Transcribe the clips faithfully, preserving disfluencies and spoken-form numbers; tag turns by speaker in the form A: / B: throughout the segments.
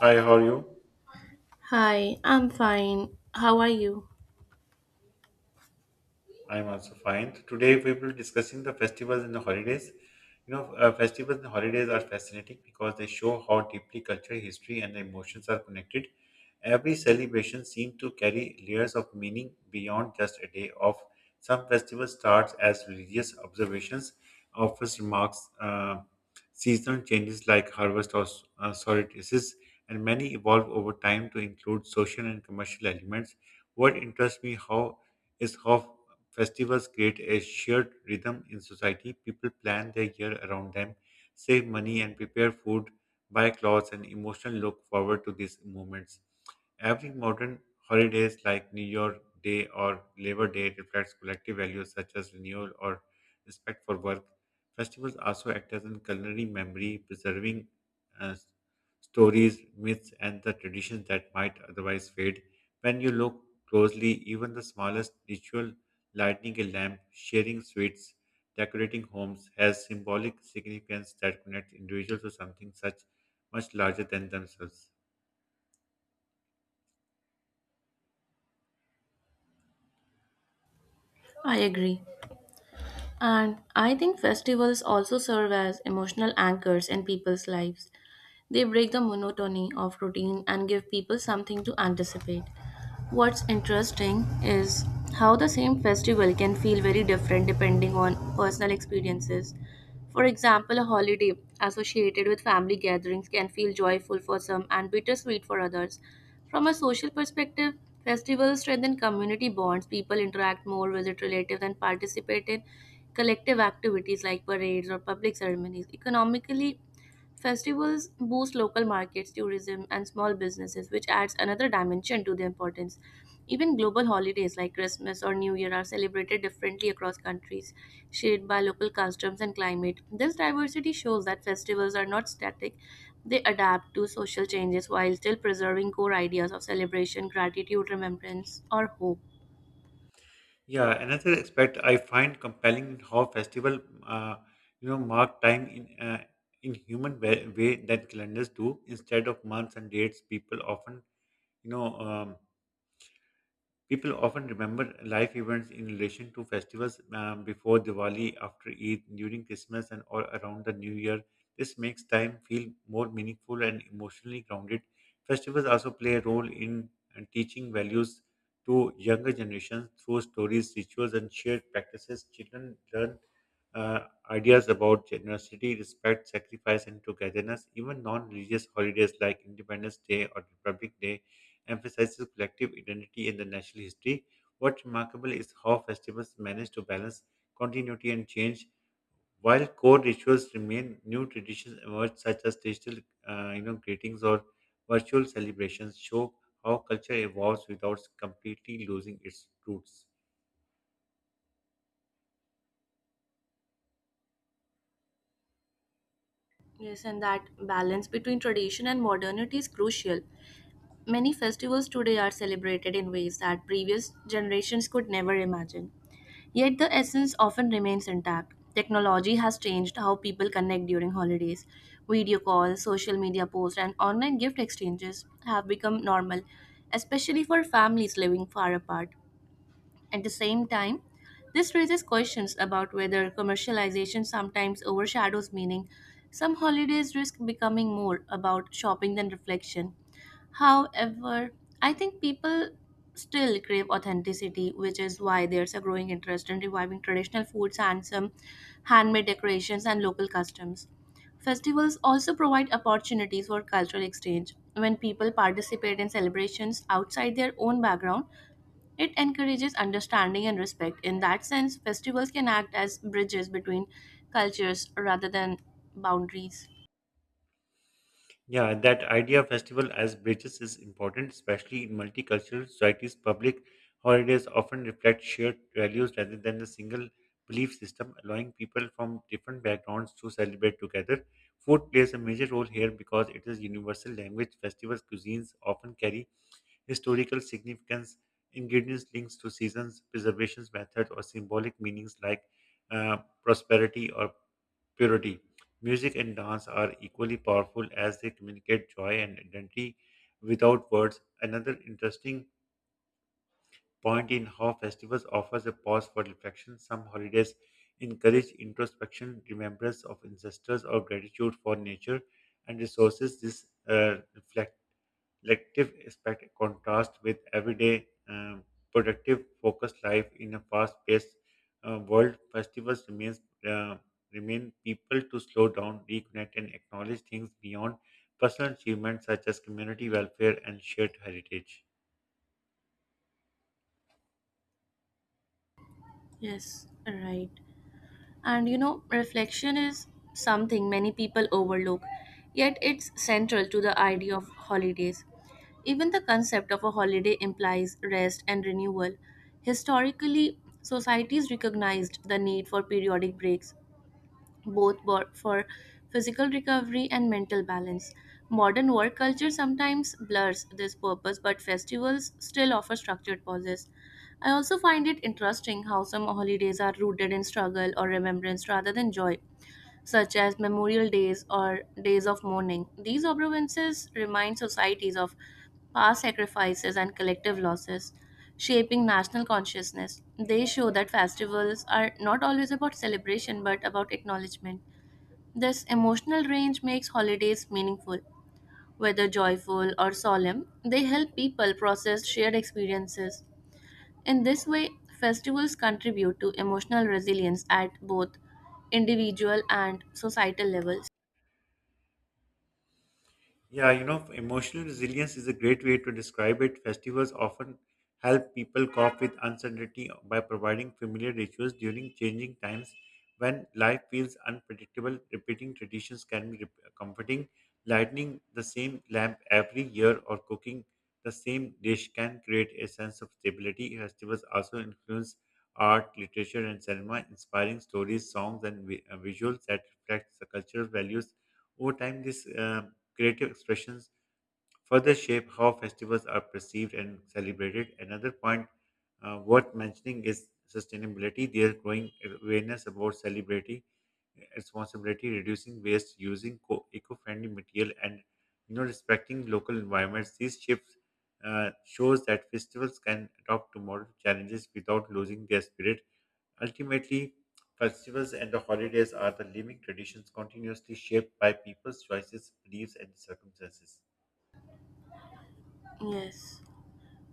A: Hi, how are you?
B: Hi, I'm fine. How are you?
A: I'm also fine. Today we will be discussing the festivals and the holidays. You know, uh, festivals and holidays are fascinating because they show how deeply culture, history, and emotions are connected. Every celebration seems to carry layers of meaning beyond just a day off. Some festivals start as religious observations, offers remarks, uh, seasonal changes like harvest or s- uh, solstices, and many evolve over time to include social and commercial elements. What interests me how is how Festivals create a shared rhythm in society. People plan their year around them, save money, and prepare food, buy clothes, and emotionally look forward to these moments. Every modern holidays like New York Day or Labor Day reflects collective values such as renewal or respect for work. Festivals also act as a culinary memory, preserving uh, stories, myths, and the traditions that might otherwise fade. When you look closely, even the smallest ritual, lighting a lamp, sharing sweets, decorating homes, has symbolic significance that connects individuals to something such much larger than themselves.
B: I agree. And I think festivals also serve as emotional anchors in people's lives. They break the monotony of routine and give people something to anticipate. What's interesting is how the same festival can feel very different depending on personal experiences. For example, a holiday associated with family gatherings can feel joyful for some and bittersweet for others. From a social perspective, festivals strengthen community bonds. People interact more, visit relatives, and participate in collective activities like parades or public ceremonies. Economically, festivals boost local markets, tourism, and small businesses, which adds another dimension to their importance. Even global holidays like Christmas or New Year are celebrated differently across countries, shaped by local customs and climate. This diversity shows that festivals are not static, they adapt to social changes while still preserving core ideas of celebration, gratitude, remembrance, or hope.
A: Yeah, another aspect I find compelling in how festival, uh, you know, mark time in uh, in human way, way that calendars do. Instead of months and dates, people often you know, um, people often remember life events in relation to festivals um, before Diwali, after Eid, during Christmas, and all around the New Year. This makes time feel more meaningful and emotionally grounded. Festivals also play a role in uh, teaching values to younger generations through stories, rituals, and shared practices. Children learn uh, ideas about generosity, respect, sacrifice, and togetherness. Even non religious holidays like Independence Day or Republic Day emphasizes collective identity in the national history. What's remarkable is how festivals manage to balance continuity and change. While core rituals remain, new traditions emerge, such as digital, uh, you know, greetings or virtual celebrations, show how culture evolves without completely losing its roots.
B: Yes, and that balance between tradition and modernity is crucial. Many festivals today are celebrated in ways that previous generations could never imagine. Yet the essence often remains intact. Technology has changed how people connect during holidays. Video calls, social media posts, and online gift exchanges have become normal, especially for families living far apart. At the same time, this raises questions about whether commercialization sometimes overshadows meaning. Some holidays risk becoming more about shopping than reflection. However, I think people still crave authenticity, which is why there's a growing interest in reviving traditional foods and some handmade decorations and local customs. Festivals also provide opportunities for cultural exchange. When people participate in celebrations outside their own background, it encourages understanding and respect. In that sense, festivals can act as bridges between cultures rather than boundaries.
A: Yeah, that idea of festival as bridges is important, especially in multicultural societies. Public holidays often reflect shared values rather than a single belief system, allowing people from different backgrounds to celebrate together. Food plays a major role here because it is universal language. Festivals cuisines often carry historical significance, ingredients links to seasons, preservation methods, or symbolic meanings like uh, prosperity or purity. Music and dance are equally powerful as they communicate joy and identity without words. Another interesting point in how festivals offers a pause for reflection. Some holidays encourage introspection, remembrance of ancestors, or gratitude for nature and resources. This uh, reflection Lective aspect contrasts with everyday um, productive, focused life in a fast-paced uh, world. Festivals remains uh, remain people to slow down, reconnect, and acknowledge things beyond personal achievements such as community welfare and shared heritage.
B: Yes, right. And you know, reflection is something many people overlook, yet it's central to the idea of holidays. Even the concept of a holiday implies rest and renewal. Historically, societies recognized the need for periodic breaks both bo- for physical recovery and mental balance. Modern work culture sometimes blurs this purpose, but festivals still offer structured pauses. I also find it interesting how some holidays are rooted in struggle or remembrance rather than joy, such as memorial days or days of mourning. These observances remind societies of past sacrifices and collective losses, shaping national consciousness. They show that festivals are not always about celebration but about acknowledgement. This emotional range makes holidays meaningful. Whether joyful or solemn, they help people process shared experiences. In this way, festivals contribute to emotional resilience at both individual and societal levels.
A: Yeah, you know, emotional resilience is a great way to describe it. Festivals often help people cope with uncertainty by providing familiar rituals during changing times when life feels unpredictable. Repeating traditions can be rep- comforting. Lighting the same lamp every year or cooking the same dish can create a sense of stability. Festivals also influence art, literature, and cinema, inspiring stories, songs, and vi- uh, visuals that reflect the cultural values. Over time, this uh, creative expressions further shape how festivals are perceived and celebrated. Another point uh, worth mentioning is sustainability. There is growing awareness about celebrating responsibility, reducing waste, using co- eco-friendly material, and you know respecting local environments. These shifts uh, shows that festivals can adopt to modern challenges without losing their spirit. Ultimately, festivals and the holidays are the living traditions continuously shaped by people's choices, beliefs, and circumstances.
B: Yes,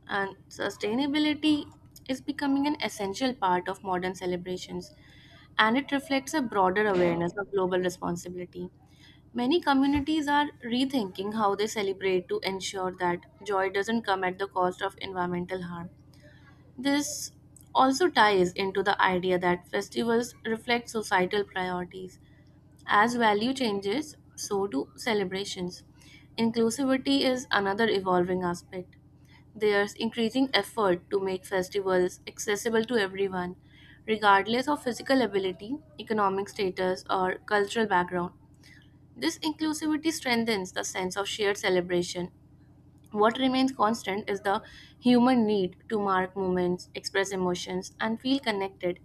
B: and sustainability is becoming an essential part of modern celebrations, and it reflects a broader awareness of global responsibility. Many communities are rethinking how they celebrate to ensure that joy doesn't come at the cost of environmental harm. This also ties into the idea that festivals reflect societal priorities as value changes, so do celebrations. Inclusivity is another evolving aspect. There's increasing effort to make festivals accessible to everyone, regardless of physical ability, economic status, or cultural background. This inclusivity strengthens the sense of shared celebration. What remains constant is the human need to mark moments, express emotions, and feel connected.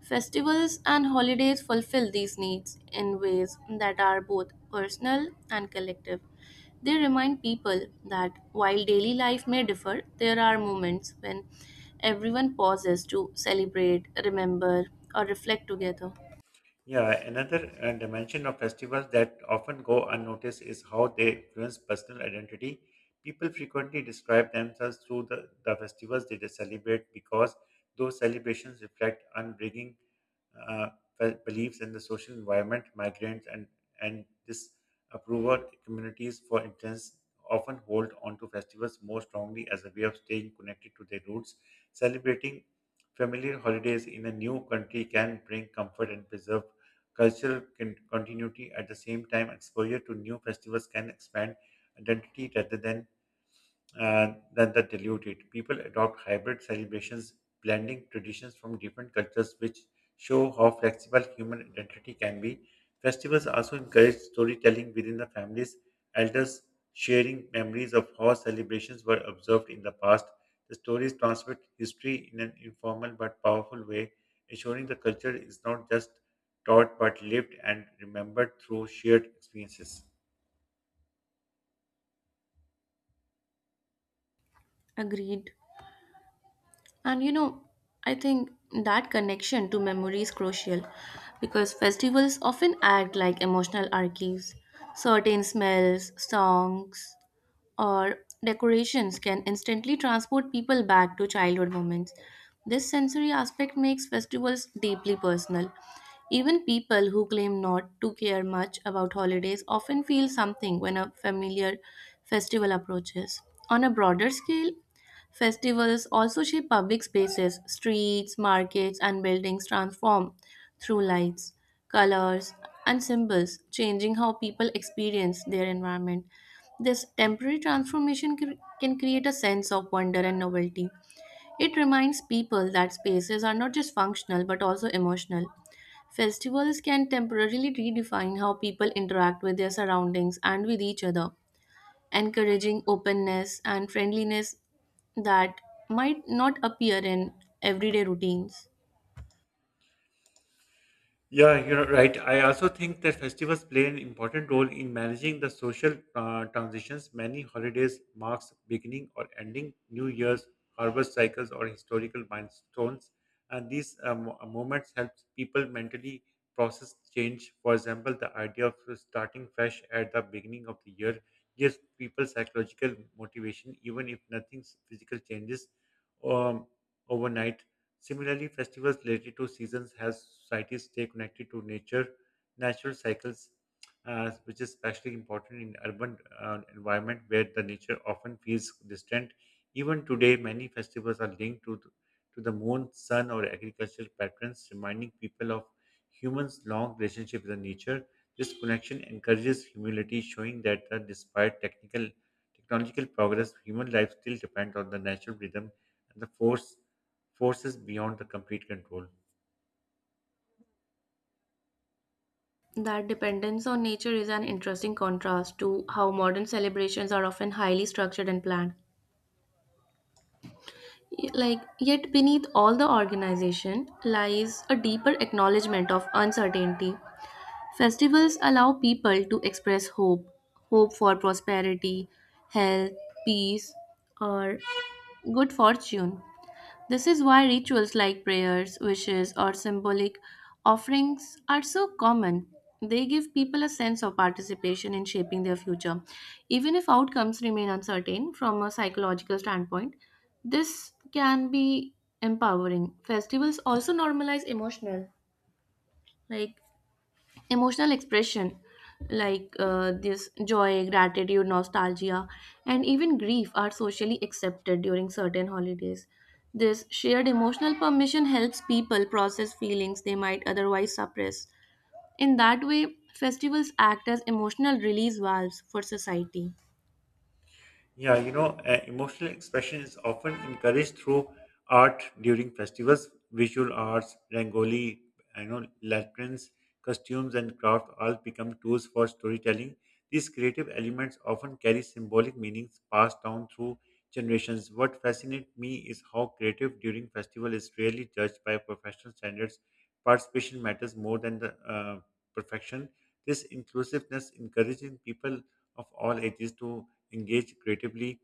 B: Festivals and holidays fulfill these needs in ways that are both personal and collective. They remind people that while daily life may differ, there are moments when everyone pauses to celebrate, remember, or reflect together.
A: Yeah, another uh, dimension of festivals that often go unnoticed is how they influence personal identity. People frequently describe themselves through the, the festivals they celebrate because those celebrations reflect unbreaking uh, fe- beliefs in the social environment, migrants, and and disapproval communities, for instance, often hold onto festivals more strongly as a way of staying connected to their roots. Celebrating familiar holidays in a new country can bring comfort and preserve cultural con- continuity. At the same time, exposure to new festivals can expand identity rather than uh, than the diluted. People adopt hybrid celebrations, blending traditions from different cultures, which show how flexible human identity can be. Festivals also encourage storytelling within the families, elders sharing memories of how celebrations were observed in the past. The stories transmit history in an informal but powerful way, ensuring the culture is not just taught but lived and remembered through shared experiences.
B: Agreed. And you know, I think that connection to memory is crucial because festivals often act like emotional archives. Certain smells, songs, or decorations can instantly transport people back to childhood moments. This sensory aspect makes festivals deeply personal. Even people who claim not to care much about holidays often feel something when a familiar festival approaches. On a broader scale, festivals also shape public spaces, streets, markets, and buildings transform through lights, colors, and symbols, changing how people experience their environment. This temporary transformation cr- can create a sense of wonder and novelty. It reminds people that spaces are not just functional but also emotional. Festivals can temporarily redefine how people interact with their surroundings and with each other, encouraging openness and friendliness that might not appear in everyday routines.
A: Yeah, you're right. I also think that festivals play an important role in managing the social uh, transitions. Many holidays marks beginning or ending New Year's, harvest cycles, or historical milestones, and these um, uh, moments help people mentally process change. For example, the idea of starting fresh at the beginning of the year gives people psychological motivation, even if nothing physical changes um, overnight. Similarly, festivals related to seasons help societies stay connected to nature, natural cycles, uh, which is especially important in urban uh, environment where the nature often feels distant. Even today, many festivals are linked to the, to the moon, sun, or agricultural patterns, reminding people of humans' long relationship with the nature. This connection encourages humility, showing that uh, despite technical technological progress, human life still depends on the natural rhythm and the force forces beyond the complete control.
B: That dependence on nature is an interesting contrast to how modern celebrations are often highly structured and planned. Y- Like, yet beneath all the organization lies a deeper acknowledgement of uncertainty. Festivals allow people to express hope, hope for prosperity, health, peace, or good fortune. This is why rituals like prayers, wishes, or symbolic offerings are so common. They give people a sense of participation in shaping their future. Even if outcomes remain uncertain from a psychological standpoint, this can be empowering. Festivals also normalize emotional, like emotional expression, like uh, this joy, gratitude, nostalgia, and even grief are socially accepted during certain holidays. This shared emotional permission helps people process feelings they might otherwise suppress. In that way, festivals act as emotional release valves for society.
A: Yeah, you know, uh, emotional expression is often encouraged through art during festivals. Visual arts, Rangoli, you know, lanterns, costumes, and craft all become tools for storytelling. These creative elements often carry symbolic meanings passed down through generations. What fascinates me is how creative during festival is rarely judged by professional standards. Participation matters more than the uh, perfection. This inclusiveness encouraging people of all ages to engage creatively,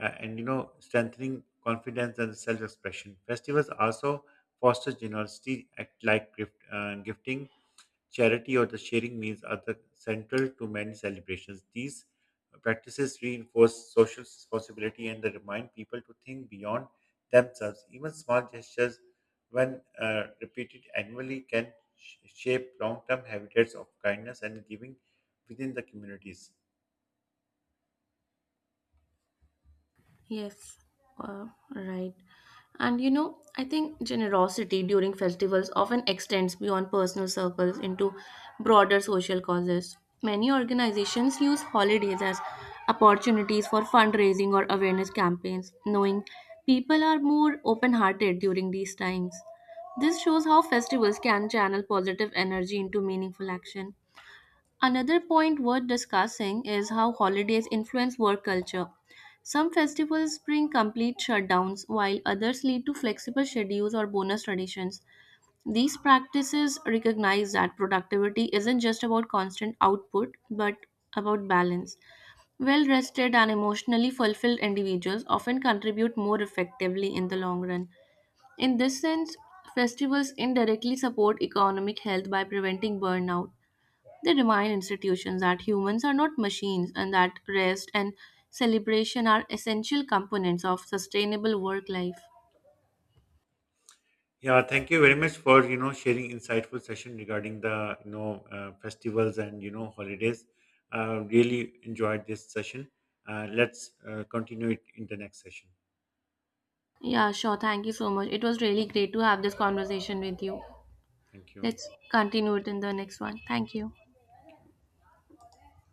A: uh, and you know, strengthening confidence and self-expression. Festivals also foster generosity, act like gift, uh, gifting, charity, or the sharing meals are the central to many celebrations. These practices reinforce social responsibility and they remind people to think beyond themselves. Even small gestures, when uh, repeated annually, can sh- shape long-term habitats of kindness and giving within the communities.
B: Yes, uh, right. And you know, I think generosity during festivals often extends beyond personal circles into broader social causes. Many organizations use holidays as opportunities for fundraising or awareness campaigns, knowing people are more open hearted during these times. This shows how festivals can channel positive energy into meaningful action. Another point worth discussing is how holidays influence work culture. Some festivals bring complete shutdowns, while others lead to flexible schedules or bonus traditions. These practices recognize that productivity isn't just about constant output, but about balance. Well rested and emotionally fulfilled individuals often contribute more effectively in the long run. In this sense, festivals indirectly support economic health by preventing burnout. They remind institutions that humans are not machines and that rest and celebration are essential components of sustainable work life.
A: Yeah, thank you very much for you know sharing insightful session regarding the you know uh, festivals and you know holidays. Uh, really enjoyed this session. Uh, let's uh, continue it in the next session.
B: Yeah, sure. Thank you so much. It was really great to have this conversation with you.
A: Thank you.
B: Let's continue it in the next one. Thank you.
A: Thank you.